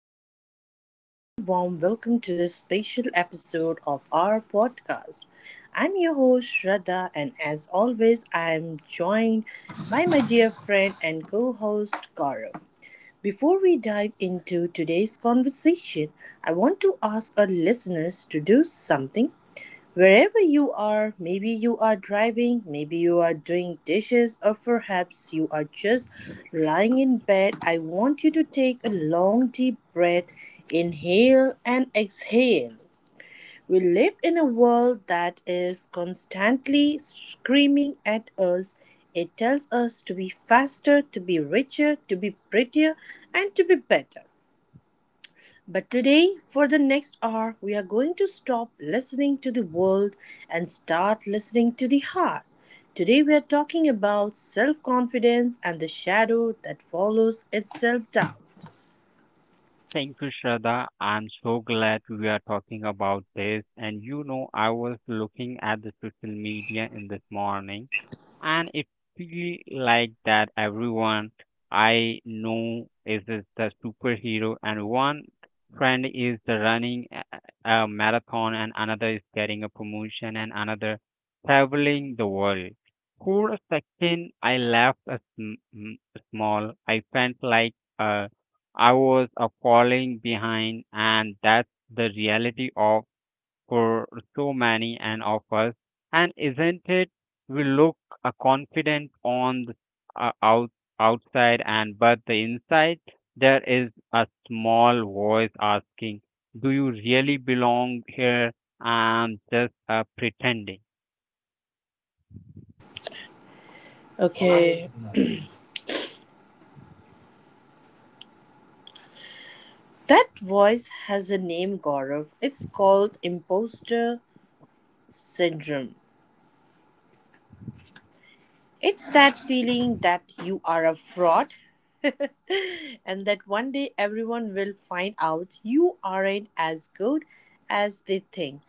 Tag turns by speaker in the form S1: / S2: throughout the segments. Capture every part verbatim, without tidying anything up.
S1: everyone, and a very warm welcome to this special episode of our podcast. I'm your host, Shraddha, and as always, I'm joined by my dear friend and co host, Gaurav. Before we dive into today's conversation, I want to ask our listeners to do something. Wherever you are, maybe you are driving, maybe you are doing dishes, or perhaps you are just lying in bed. I want you to take a long, deep breath, inhale and exhale. We live in a world that is constantly screaming at us. It tells us to be faster, to be richer, to be prettier, and to be better. But today, for the next hour, we are going to stop listening to the world and start listening to the heart. Today, we are talking about self confidence and the shadow that follows its self doubt.
S2: Thank you, Shraddha. I'm so glad we are talking about this. And you know, I was looking at the social media in this morning and it feel like that everyone I know is the the superhero, and one friend is the running a a marathon, and another is getting a promotion, and another traveling the world. For a second, I left a sm- m- small. I felt like uh, I was uh, falling behind, and that's the reality of for so many and of us. And isn't it? We look uh, confident on the uh, out, outside, and but the inside there is a small voice asking, "Do you really belong here?" And just uh, pretending.
S1: Okay, that voice has a name, Gaurav. It's called imposter syndrome. It's that feeling that you are a fraud and that one day everyone will find out you aren't as good as they think.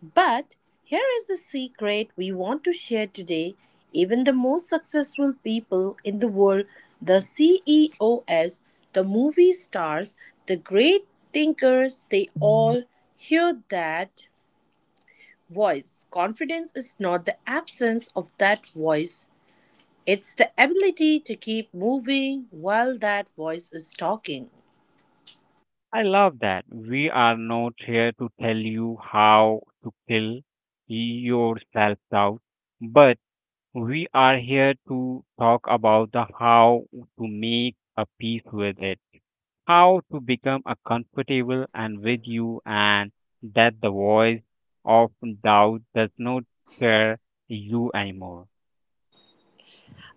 S1: But here is the secret we want to share today. Even the most successful people in the world, the C E Os, the movie stars, the great thinkers, they all hear that voice. Confidence is not the absence of that voice, it's the ability to keep moving while that voice is talking.
S2: I love that. We are not here to tell you how to kill your self doubt, but we are here to talk about the how to make a peace with it, how to become a comfortable and with you, and that the voice of doubt does not scare you anymore.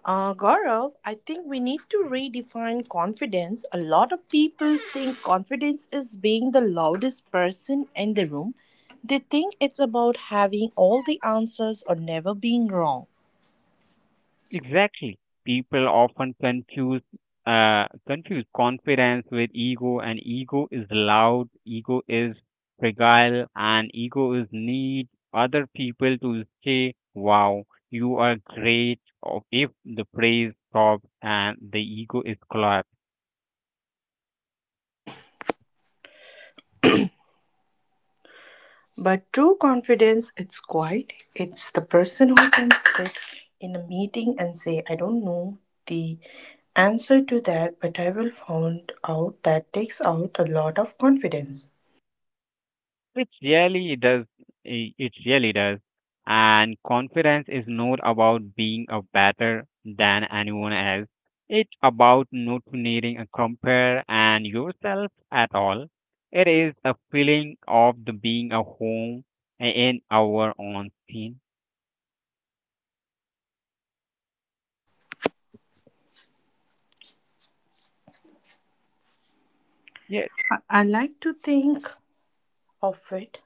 S1: Uh, Gaurav, I think we need to redefine confidence. A lot of people think confidence is being the loudest person in the room. They think it's about having all the answers or never being wrong.
S2: Exactly. People often confuse uh, confuse confidence with ego, and ego is loud, ego is fragile, and ego is need other people to say, "Wow, you are great." Or if the praise stops and the ego is collapsed.
S1: But true confidence, it's quiet. It's the person who can sit in a meeting and say, I don't know the answer to that, but I will find out. That takes out a lot of confidence.
S2: It really does. i- It really does. And confidence is not about being a better than anyone else. It's about not needing a compare and yourself at all. It is a feeling of the being a home in our own skin.
S1: I I like to think of it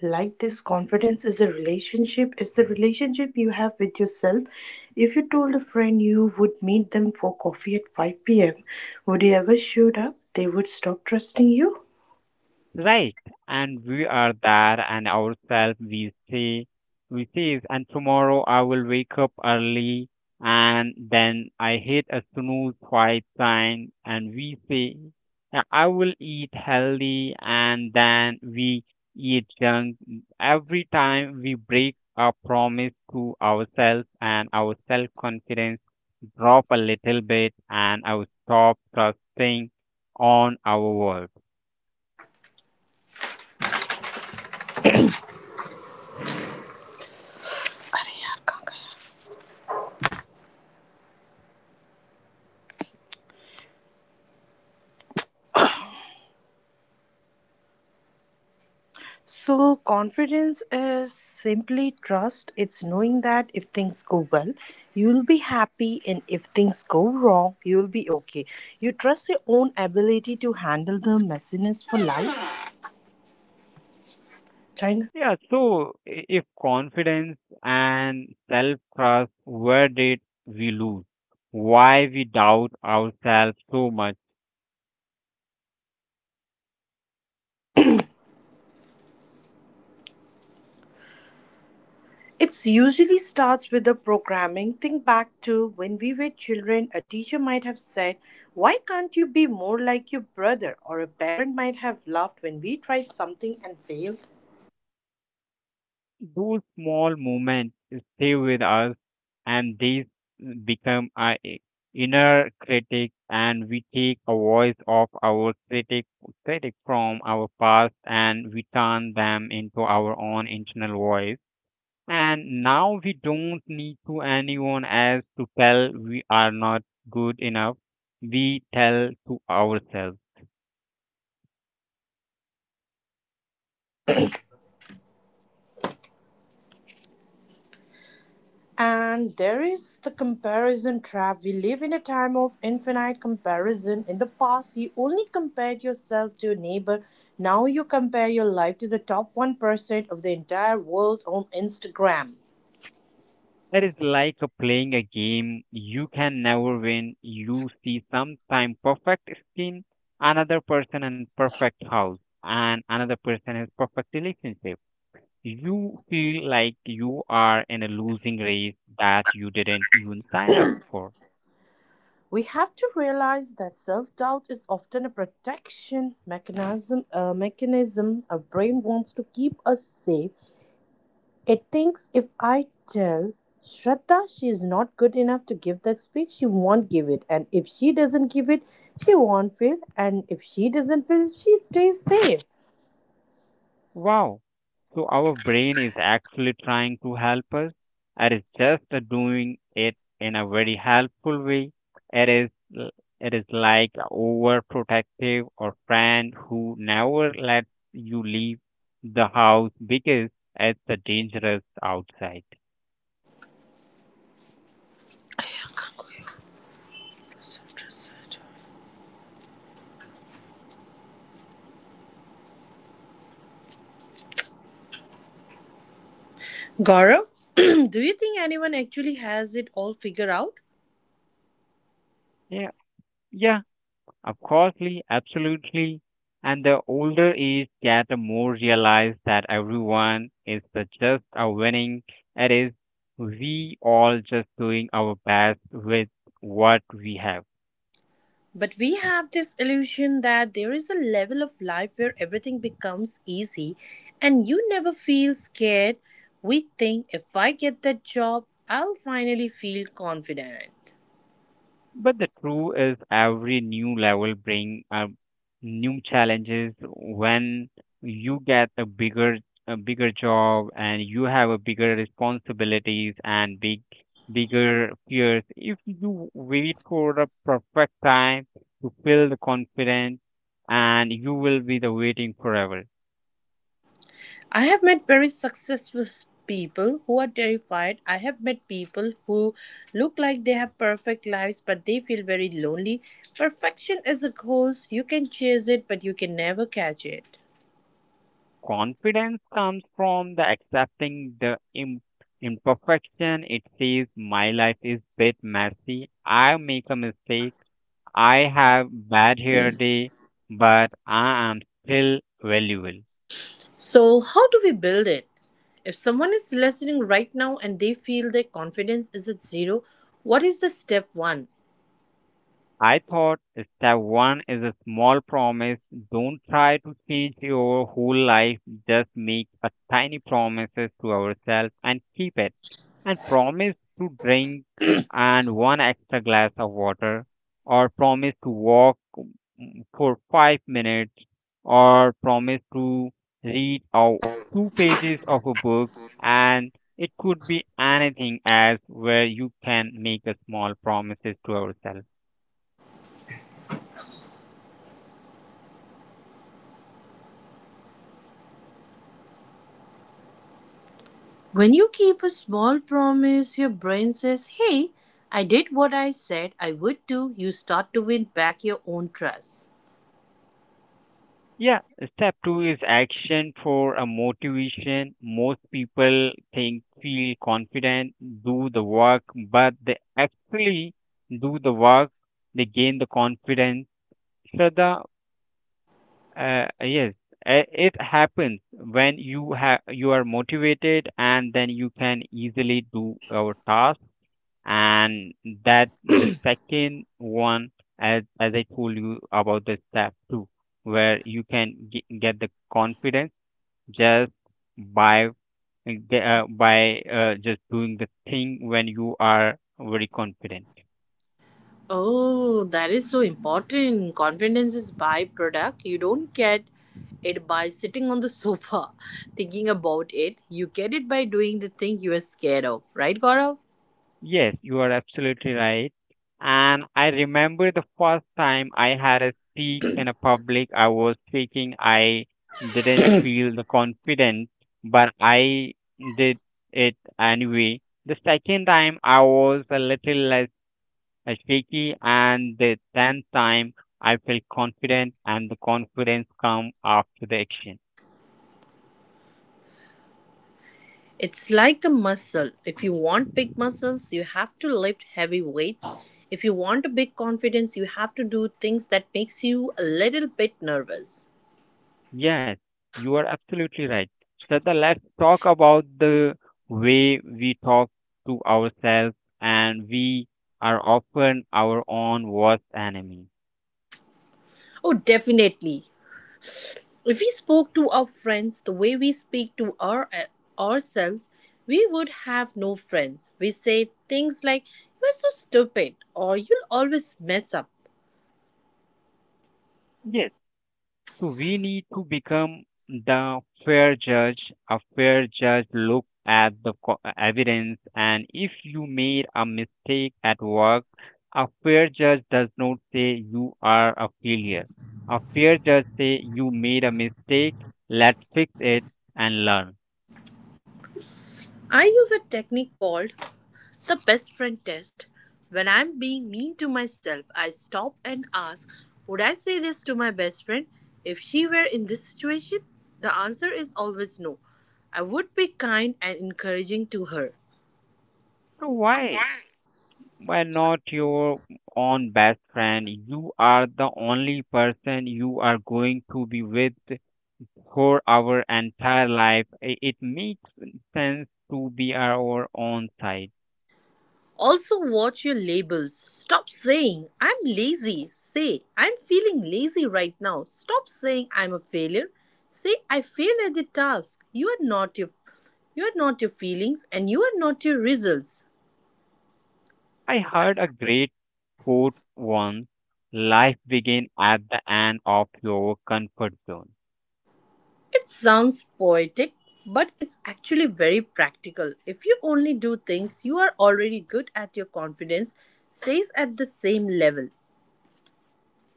S1: like this. Confidence is a relationship. It's the relationship you have with yourself. If you told a friend you would meet them for coffee at five p m p.m., would you ever showed up, they would stop trusting you.
S2: Right, and we are there and ourselves we say we says and tomorrow I will wake up early and then I hit a snooze twice time and we say "Yeah, I will eat healthy and then we eat junk every time we break our promise to ourselves and our self confidence drop a little bit and I stop trusting on our world.
S1: So confidence is simply trust. It's knowing that if things go well, you'll be happy, and if things go wrong, you'll be okay. You trust your own ability to handle the messiness for life, china.
S2: Yeah, so i- if confidence and self-trust, where did we lose? Why we doubt ourselves so much?
S1: It's usually starts with the programming. Think back to when we were children, a teacher might have said, why can't you be more like your brother? Or a parent might have laughed when we tried something and failed.
S2: Those small moments stay with us, and these become our i- inner critic, and we take a voice of our critic, critic from our past, and we turn them into our own internal voice. And now we don't need to anyone else to tell we are not good enough. We tell to ourselves.
S1: And there is the comparison trap. We live in a time of infinite comparison. In the past, you only compared yourself to your neighbor. Now you compare your life to the top one percent of the entire world on Instagram.
S2: It is like a playing a game you can never win. You see sometime perfect skin, another person and perfect house, and another person has perfect relationship. You feel like you are in a losing race that you didn't even sign up for.
S1: We have to realize that self doubt is often a protection mechanism, a mechanism our brain wants to keep us safe. It thinks, if I tell Shraddha she is not good enough to give that speech, she won't give it. And if she doesn't give it, she won't fail. And if she doesn't fail, she stays safe.
S2: Wow. So our brain is actually trying to help us, and it's just uh, doing it in a very helpful way. It is l- it is like a overprotective or friend who never lets you leave the house because it's uh, dangerous outside.
S1: Gaurav, do you think anyone actually has it all figured out?
S2: Yeah, yeah. Of course, absolutely. And the older age get, the more realize that everyone is the just a winning. It is we all just doing our best with what we have.
S1: But we have this illusion that there is a level of life where everything becomes easy and you never feel scared. We think, if I get that job, I'll finally feel confident.
S2: But the true is every new level bring up new challenges when you get a bigger a bigger job and you have a bigger responsibilities and big bigger fears. If you wait for the perfect time to feel the confidence, and you will be the waiting forever.
S1: I have met very successful s- people who are terrified. I have met people who look like they have perfect lives, but they feel very lonely. Perfection is a ghost. You can chase it, but you can never catch it.
S2: Confidence comes from the accepting the im- imperfection. It says my life is bit messy. I make a mistake. I have bad hair day, but I am still valuable.
S1: So, how do we build it? If someone is listening right now and they feel their confidence is at zero, what is the step one?
S2: I thought step one is a small promise. Don't try to change your whole life. Just make a tiny promises to ourselves and keep it. And promise to drink and one extra glass of water, or promise to walk mm, for five minutes, or promise to read out two pages of a book. And it could be anything as where you can make a small promises to ourselves.
S1: When you keep a small promise, your brain says, hey, I did what I said I would do. You start to win back your own trust.
S2: Yeah, step two is action for a motivation. Most people think, feel confident, do the work, but they actually do the work, they gain the confidence. So the uh, yes, uh, it happens when you have you are motivated, and then you can easily do our task and that the second one as as i told you about the step two where you can ge- get the confidence just by uh, ge- uh, by uh, just doing the thing when you are very confident.
S1: Oh, that is so important. Confidence is byproduct. You don't get it by sitting on the sofa thinking about it. You get it by doing the thing you are scared of, right, Gaurav?
S2: Yes, you are absolutely right. And I remember the first time I had a speak in a public, I was speaking, I didn't feel the confidence, but I did it anyway. The second time I was a little less uh, shaky, and the tenth time I felt confident, and the confidence come after the action.
S1: It's like a muscle. If you want big muscles, you have to lift heavy weights. If you want a big confidence, you have to do things that makes you a little bit nervous.
S2: Yes, you are absolutely right. Shraddha, let's talk about the way we talk to ourselves, and we are often our own worst enemy.
S1: Oh, definitely. If we spoke to our friends the way we speak to our uh, ourselves, we would have no friends. We say things like "You're so stupid" or "You'll always mess up."
S2: Yes. So we need to become the fair judge. A fair judge look at the co- evidence, and if you made a mistake at work, a fair judge does not say you are a failure. A fair judge say you made a mistake. Let's fix it and learn.
S1: I use a technique called the best friend test. When I'm being mean to myself, I stop and ask, would I say this to my best friend if she were in this situation? The answer is always no. I would be kind and encouraging to her.
S2: So why? Why not your own best friend? You are the only person you are going to be with for our entire life. I- It makes sense to be our own side.
S1: Also, watch your labels. Stop saying, I'm lazy. Say, I'm feeling lazy right now. Stop saying, I'm a failure. Say, I failed at the task. You are not your. You are not your feelings and you are not your results.
S2: I heard a great quote once life begins at the end of your comfort zone.
S1: It sounds poetic, but it's actually very practical. If you only do things you are already good at, your confidence stays at the same level.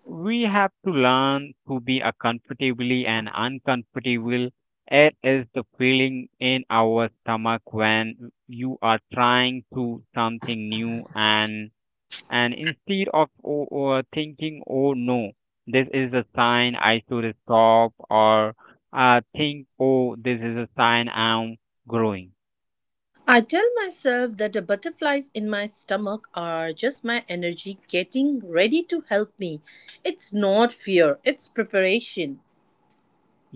S2: We have to learn to be a comfortably and uncomfortable. It is the feeling in our stomach when you are trying to something new and And instead of o- o- thinking, oh no, this is a sign I should stop, or uh, think, oh, this is a sign I'm growing.
S1: I tell myself that the butterflies in my stomach are just my energy getting ready to help me. It's not fear, it's preparation.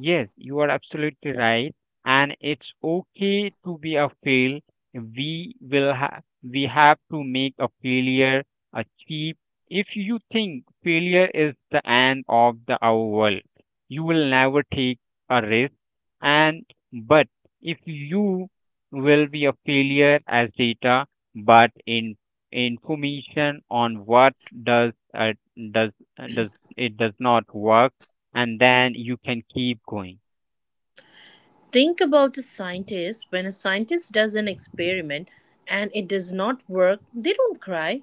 S2: Yes, you are absolutely right, and it's okay to be a fail. We will ha- we have to make a failure a cheap. If you think failure is the end of the our world, you will never take a risk. And but if you will be a failure as data, but in information on what does uh, does uh, does it does not work and then you can keep going.
S1: Think about a scientist. When a scientist does an experiment and it does not work, they don't cry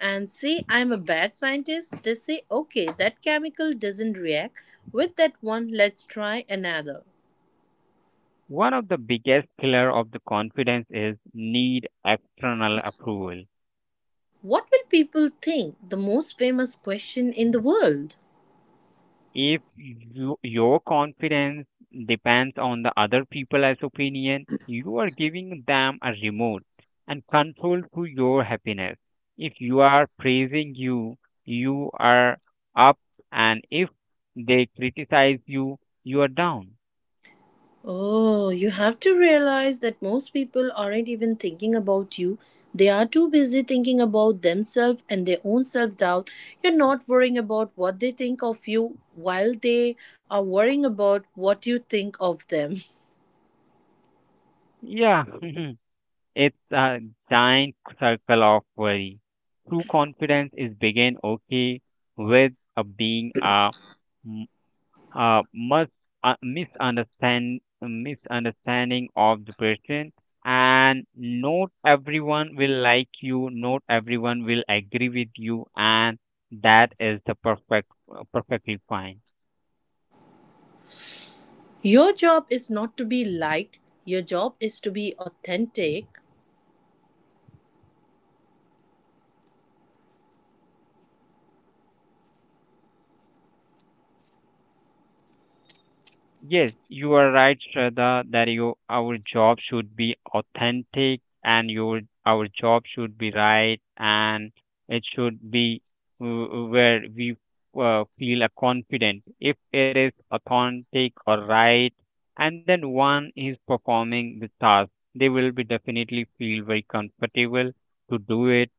S1: and say, I'm a bad scientist. They say, okay, that chemical doesn't react with that one, let's try another.
S2: One of the biggest killer of the confidence is need external approval.
S1: What will people think? The most famous question in the world.
S2: If you, your confidence depends on the other people's opinion, you are giving them a remote and control to your happiness. If you are praising you, you are up, and if they criticize you, you are down.
S1: Oh, you have to realize that most people aren't even thinking about you. They are too busy thinking about themselves and their own self doubt. You're not worrying about what they think of you while they are worrying about what you think of them.
S2: Yeah, it's a giant circle of worry. True confidence is begin okay with a being a, m- a must a misunderstand misunderstanding of the person and not everyone will like you not everyone will agree with you and that is the perfect perfectly fine.
S1: Your job is not to be liked, your job is to be authentic.
S2: Yes, you are right, Shraddha, that you, our job should be authentic and your our job should be right and it should be w- where we uh, feel a confident. If it is authentic or right, and then one is performing the task, they will be definitely feel very comfortable to do it.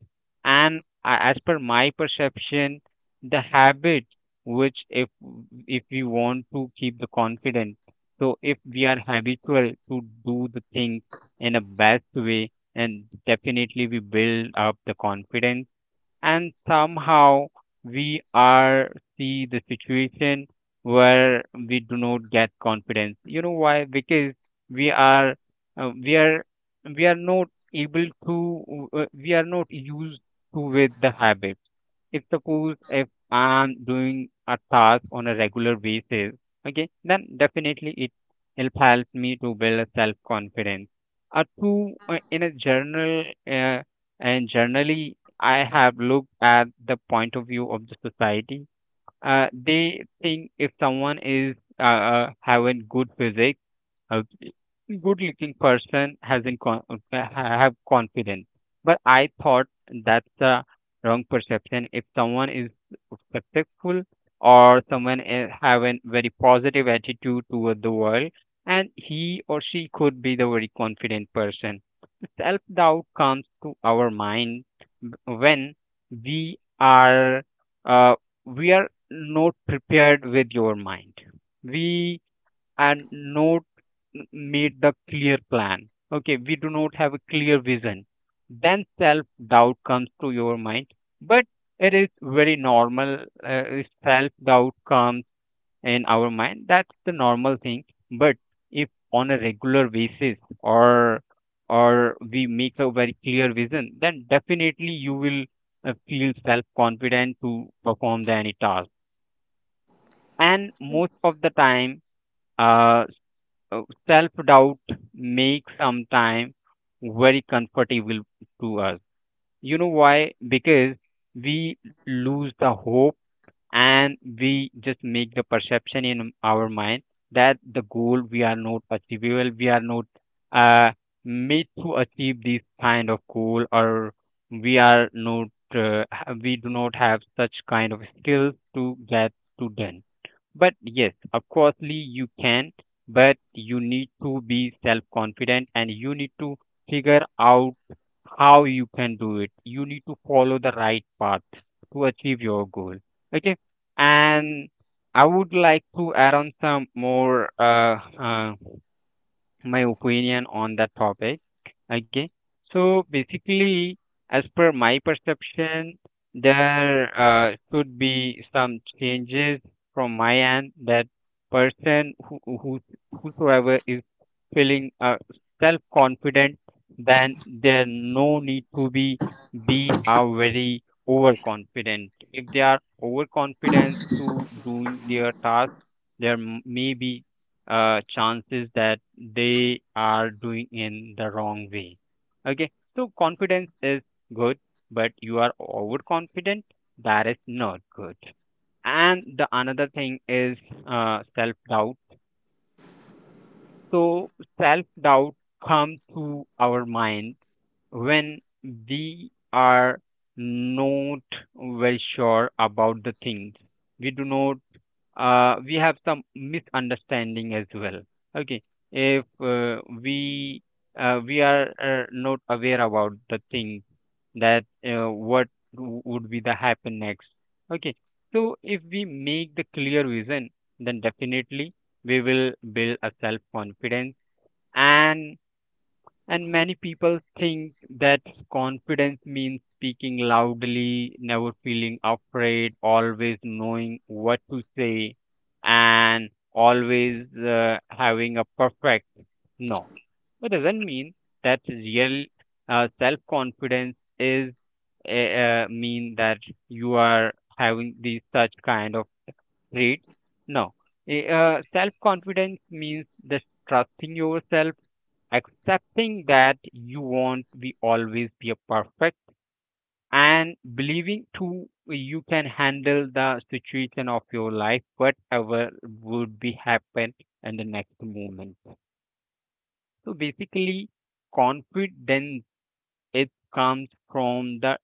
S2: And a- as per my perception, the habit which if if we want to keep the confidence, so if we are habitual to do the things in a best way and definitely we build up the confidence and somehow we are see the situation where we do not get confidence you know why because we are uh, we are we are not able to uh, we are not used to with the habit if suppose if I'm doing a task on a regular basis, okay, then definitely it help help me to build a self confidence. A true uh, in a journal uh, and generally I have looked at the point of view of the society. Uh, they think if someone is uh, uh, having good physique a good looking person has in con- have confidence but I thought that's the wrong perception if someone is successful or someone is have a very positive attitude toward the world and he or she could be the very confident person self doubt comes to our mind b- when we are uh, we are not prepared with your mind we and not m- made the clear plan. Okay, we do not have a clear vision. Then self doubt comes to your mind, but it is very normal. Uh, self doubt comes in our mind. That's the normal thing. But if on a regular basis or or we make a very clear vision, then definitely you will uh, feel self confident to perform the any task. And most of the time, uh, uh, self doubt makes sometimes very comfortable to us. You know why? Because we lose the hope, and we just make the perception in our mind that the goal we are not achievable, we are not uh, made to achieve this kind of goal, or we are not, uh, ha- we do not have such kind of skills to get to done. But yes, of coursely you can, but you need to be self-confident and you need to figure out how you can do it. You need to follow the right path to achieve your goal. Okay, and I would like to add on some more uh, uh, my opinion on that topic. Okay. So basically, as per my perception, there uh, should be some changes from my end that person who, who whosoever is feeling uh, self confident, then there no need to be be a very overconfident. If they are overconfident to doing their task, there m- may be uh, chances that they are doing in the wrong way. Okay, so confidence is good, but you are overconfident, that is not good. And the another thing is uh, self doubt. So, self doubt comes to our mind when we are not very sure about the things. We do not uh, we have some misunderstanding as well. Okay, if uh, we uh, we are uh, not aware about the thing that uh, what w- would be the happen next. Okay, so if we make the clear vision, then definitely we will build a self confidence. And and many people think that confidence means speaking loudly, never feeling afraid, always knowing what to say, and always uh, having a perfect. No. But doesn't mean that real uh, self confidence is uh, uh, mean that you are having these such kind of. Read? No. Eh, Uh, Self confidence means just trusting yourself, accepting that you won't be always be a perfect, and believing too you can handle the situation of your life, whatever would be happen in the next moment. So basically, confidence, it comes from the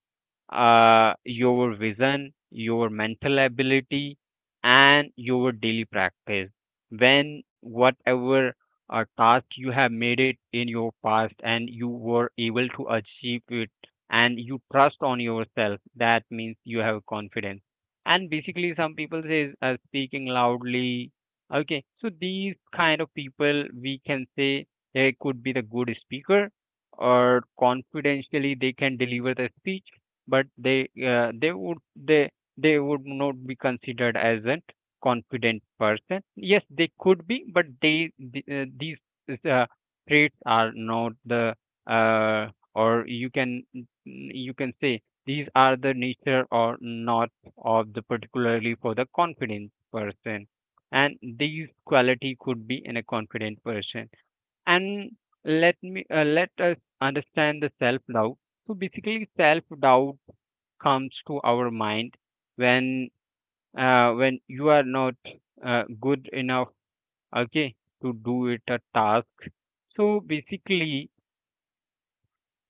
S2: uh, your vision, your mental ability, and your daily practice. When whatever uh, task you have made it in your past and you were able to achieve it, and you trust on yourself, that means you have confidence. And basically, some people say uh, speaking loudly. Okay, so these kind of people, we can say they could be the good speaker or confidentially they can deliver the speech, but they uh, they would they they would not be considered as a confident person. Yes, they could be, but they th- uh, these uh, traits are not the uh, or you can, you can say these are the nature or not of the particularly for the confident person, and these quality could be in a confident person. And let me uh, let us understand the self doubt. So basically self doubt comes to our mind when uh, when you are not uh, good enough, okay, to do it a task. So basically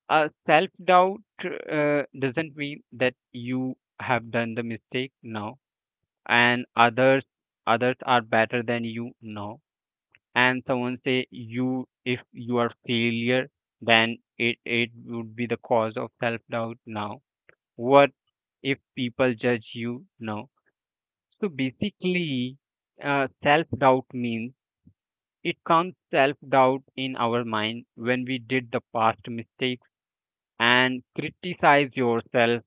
S2: uh, self doubt uh, doesn't mean that you have done the mistake now, and others others are better than you now, and someone say you if you are failure, then it it would be the cause of self doubt now. What if people judge you now? So basically uh, self doubt means it comes self doubt in our mind when we did the past mistakes and criticize yourself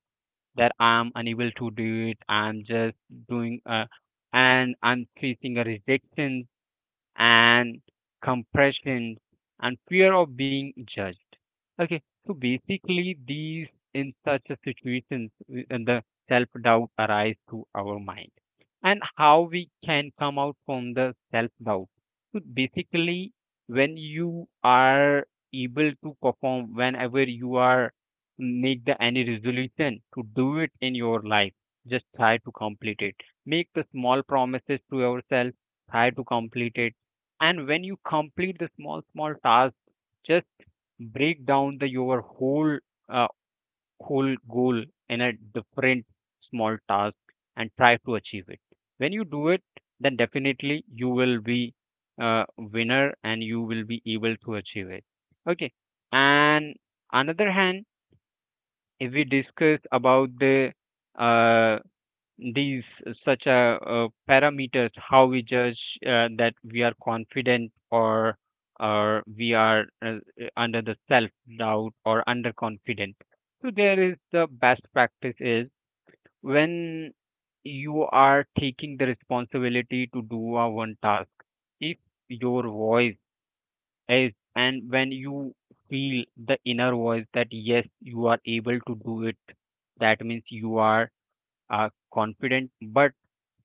S2: that I am unable to do it, I'm just doing uh, and I'm facing a rejection and compression and fear of being judged. Okay, so basically, these in such a situations, w- and the self doubt arise to our mind, and how we can come out from the self doubt. So basically, when you are able to perform, whenever you are make the any resolution to do it in your life, just try to complete it. Make the small promises to yourself, try to complete it, and when you complete the small small task, just break down the your whole uh, whole goal in a different small task and try to achieve it. When you do it, then definitely you will be a winner and you will be able to achieve it. Okay, and another hand, if we discuss about the uh, these uh, such a, uh, parameters how we judge uh, that we are confident or or we are uh, uh, under the self doubt or underconfident, so there is the best practice is when you are taking the responsibility to do a one task, if your voice is, and when you feel the inner voice that yes you are able to do it, that means you are uh, confident. But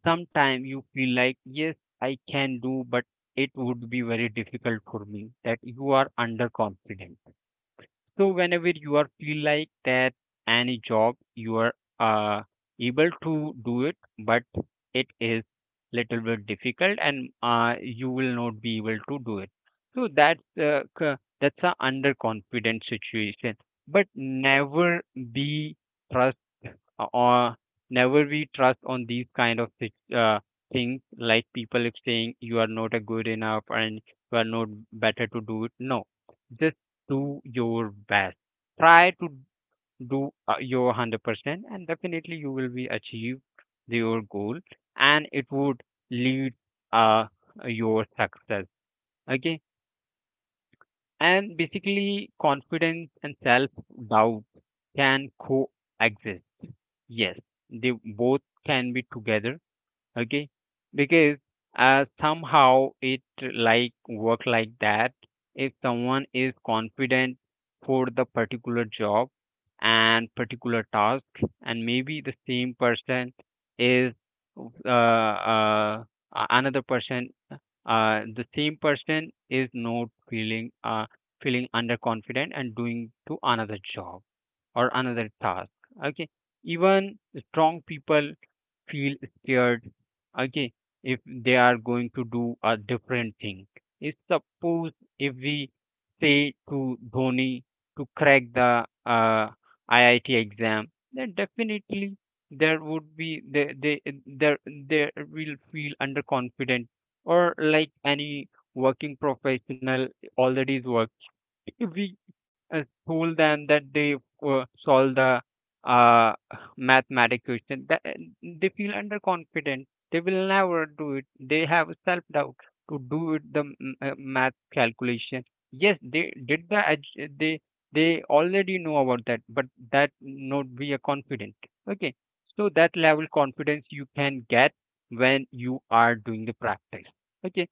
S2: sometimes you feel like, yes, I can do, but it would be very difficult for me, that you are underconfident. So whenever you are feel like that any job you are uh, able to do it, but it is little bit difficult and uh, you will not be able to do it. So that's uh, c- that's a underconfident situation. But never be uh, or never we trust on these kind of thi- uh, things like people if saying you are not a good enough and you are not better to do it. No, just do your best, try to do uh, your one hundred percent, and definitely you will be achieve the- your goal, and it would lead uh, your success. Okay, and basically confidence and self doubt can coexist. Yes, they both can be together, okay? Because uh, somehow it like work like that. If someone is confident for the particular job and particular task, and maybe the same person is uh, uh, a- another person, uh, the same person is not feeling uh, feeling underconfident and doing to another job or another task. Okay, even strong people feel scared. Okay, if they are going to do a different thing. If suppose if we say to Dhoni to crack the uh, I I T exam, then definitely there would be they they there there will feel underconfident. Or like any working professional already is working, we uh, told them that they uh, solve the uh, mathematic question, that uh, they feel underconfident, they will never do it, they have self doubt to do it the m- uh, math calculation. Yes, they did the edge- they they already know about that, but that not be a confident. Okay, so that level confidence you can get when you are doing the practice. Okay,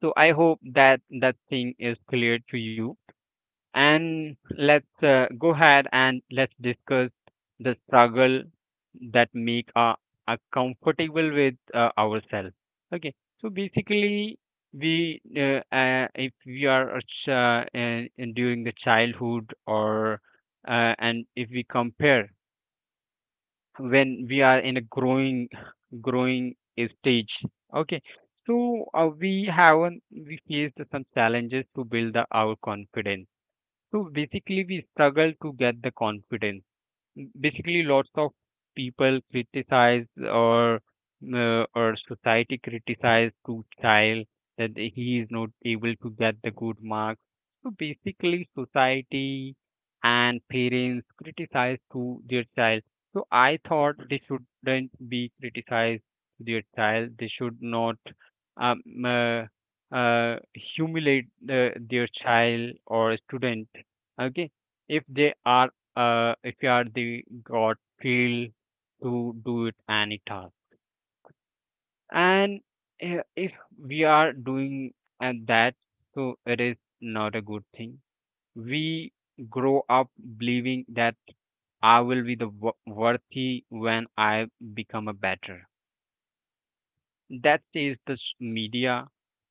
S2: so I hope that that thing is clear to you, and let's uh, go ahead and let's discuss the struggle that make us uh, us comfortable with uh, ourselves. Okay, so basically we uh, uh, if we are a ch- uh, in, in during the childhood or uh, and if we compare when we are in a growing growing stage, okay. So uh, we have, we faced some challenges to build the, our confidence. So basically, we struggle to get the confidence. Basically, lots of people criticize or uh, or society criticize to child that he is not able to get the good marks. So basically, society and parents criticize to their child. So I thought they shouldn't be criticized to their child. They should not um, uh, uh, humiliate uh, their child or student. Okay, if they are uh, if you are the god feel to do it any task, and uh, if we are doing and that, so it is not a good thing. We grow up believing that I will be the wo- worthy when I become a better. That is the s- media,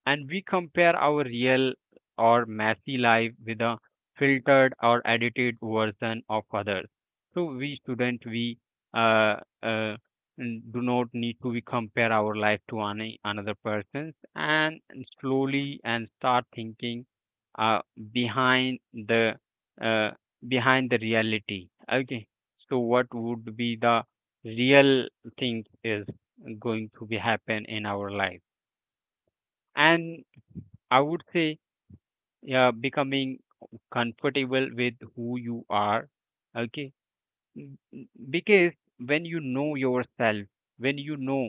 S2: and we compare our real or messy life with a filtered or edited version of others. So we student, we uh, uh, n- do not need to we compare our life to any another person's, and slowly and start thinking uh, behind the uh, behind the reality. Okay, so what would be the real thing is going to be happen in our life. And I would say, yeah, becoming comfortable with who you are. Okay. Mm, mm, because when you know yourself, when you know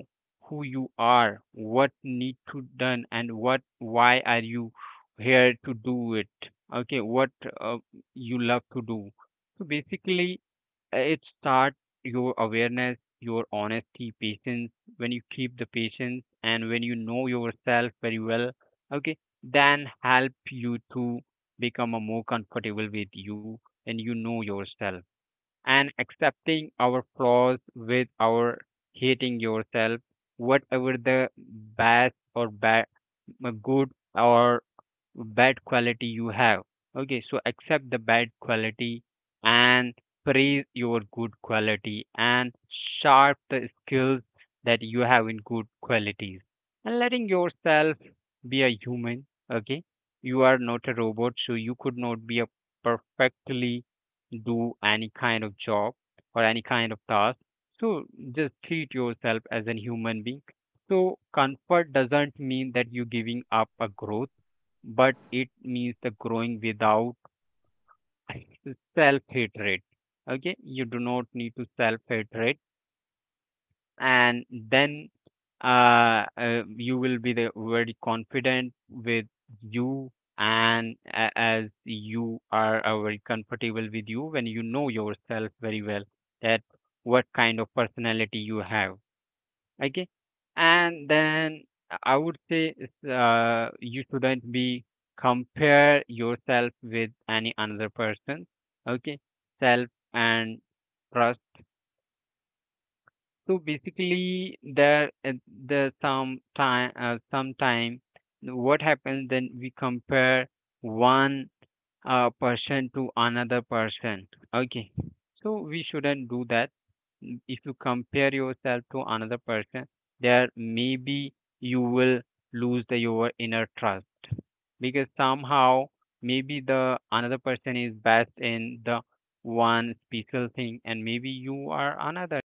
S2: who you are, what need to done and what why are you here to do it, okay, what uh, you love to do. So basically uh, it start your awareness, your honesty, patience. When you keep the patience and when you know yourself very well, okay, then help you to become a more comfortable with you and you know yourself, and accepting our flaws with our hating yourself, whatever the bad or bad, good or bad quality you have. Okay, so accept the bad quality and praise your good quality and sharp the skills that you have in good qualities, and letting yourself be a human. Okay, you are not a robot, so you could not be a perfectly do any kind of job or any kind of task. So just treat yourself as a human being. So comfort doesn't mean that you're giving up a growth, but it means the growing without self hatred. Okay, you do not need to self hatred. And then uh, uh, you will be the very confident with you, and a- as you are uh, very comfortable with you when you know yourself very well, that what kind of personality you have. Okay, and then I would say, uh, you shouldn't be compare yourself with any another person. Okay, self and trust. So basically there uh, the some time uh, sometime what happens then we compare one uh, person to another person. Okay, so we shouldn't do that. Mm, if you compare yourself to another person, there maybe you will lose the, your inner trust, because somehow maybe the another person is best in the one special thing and maybe you are another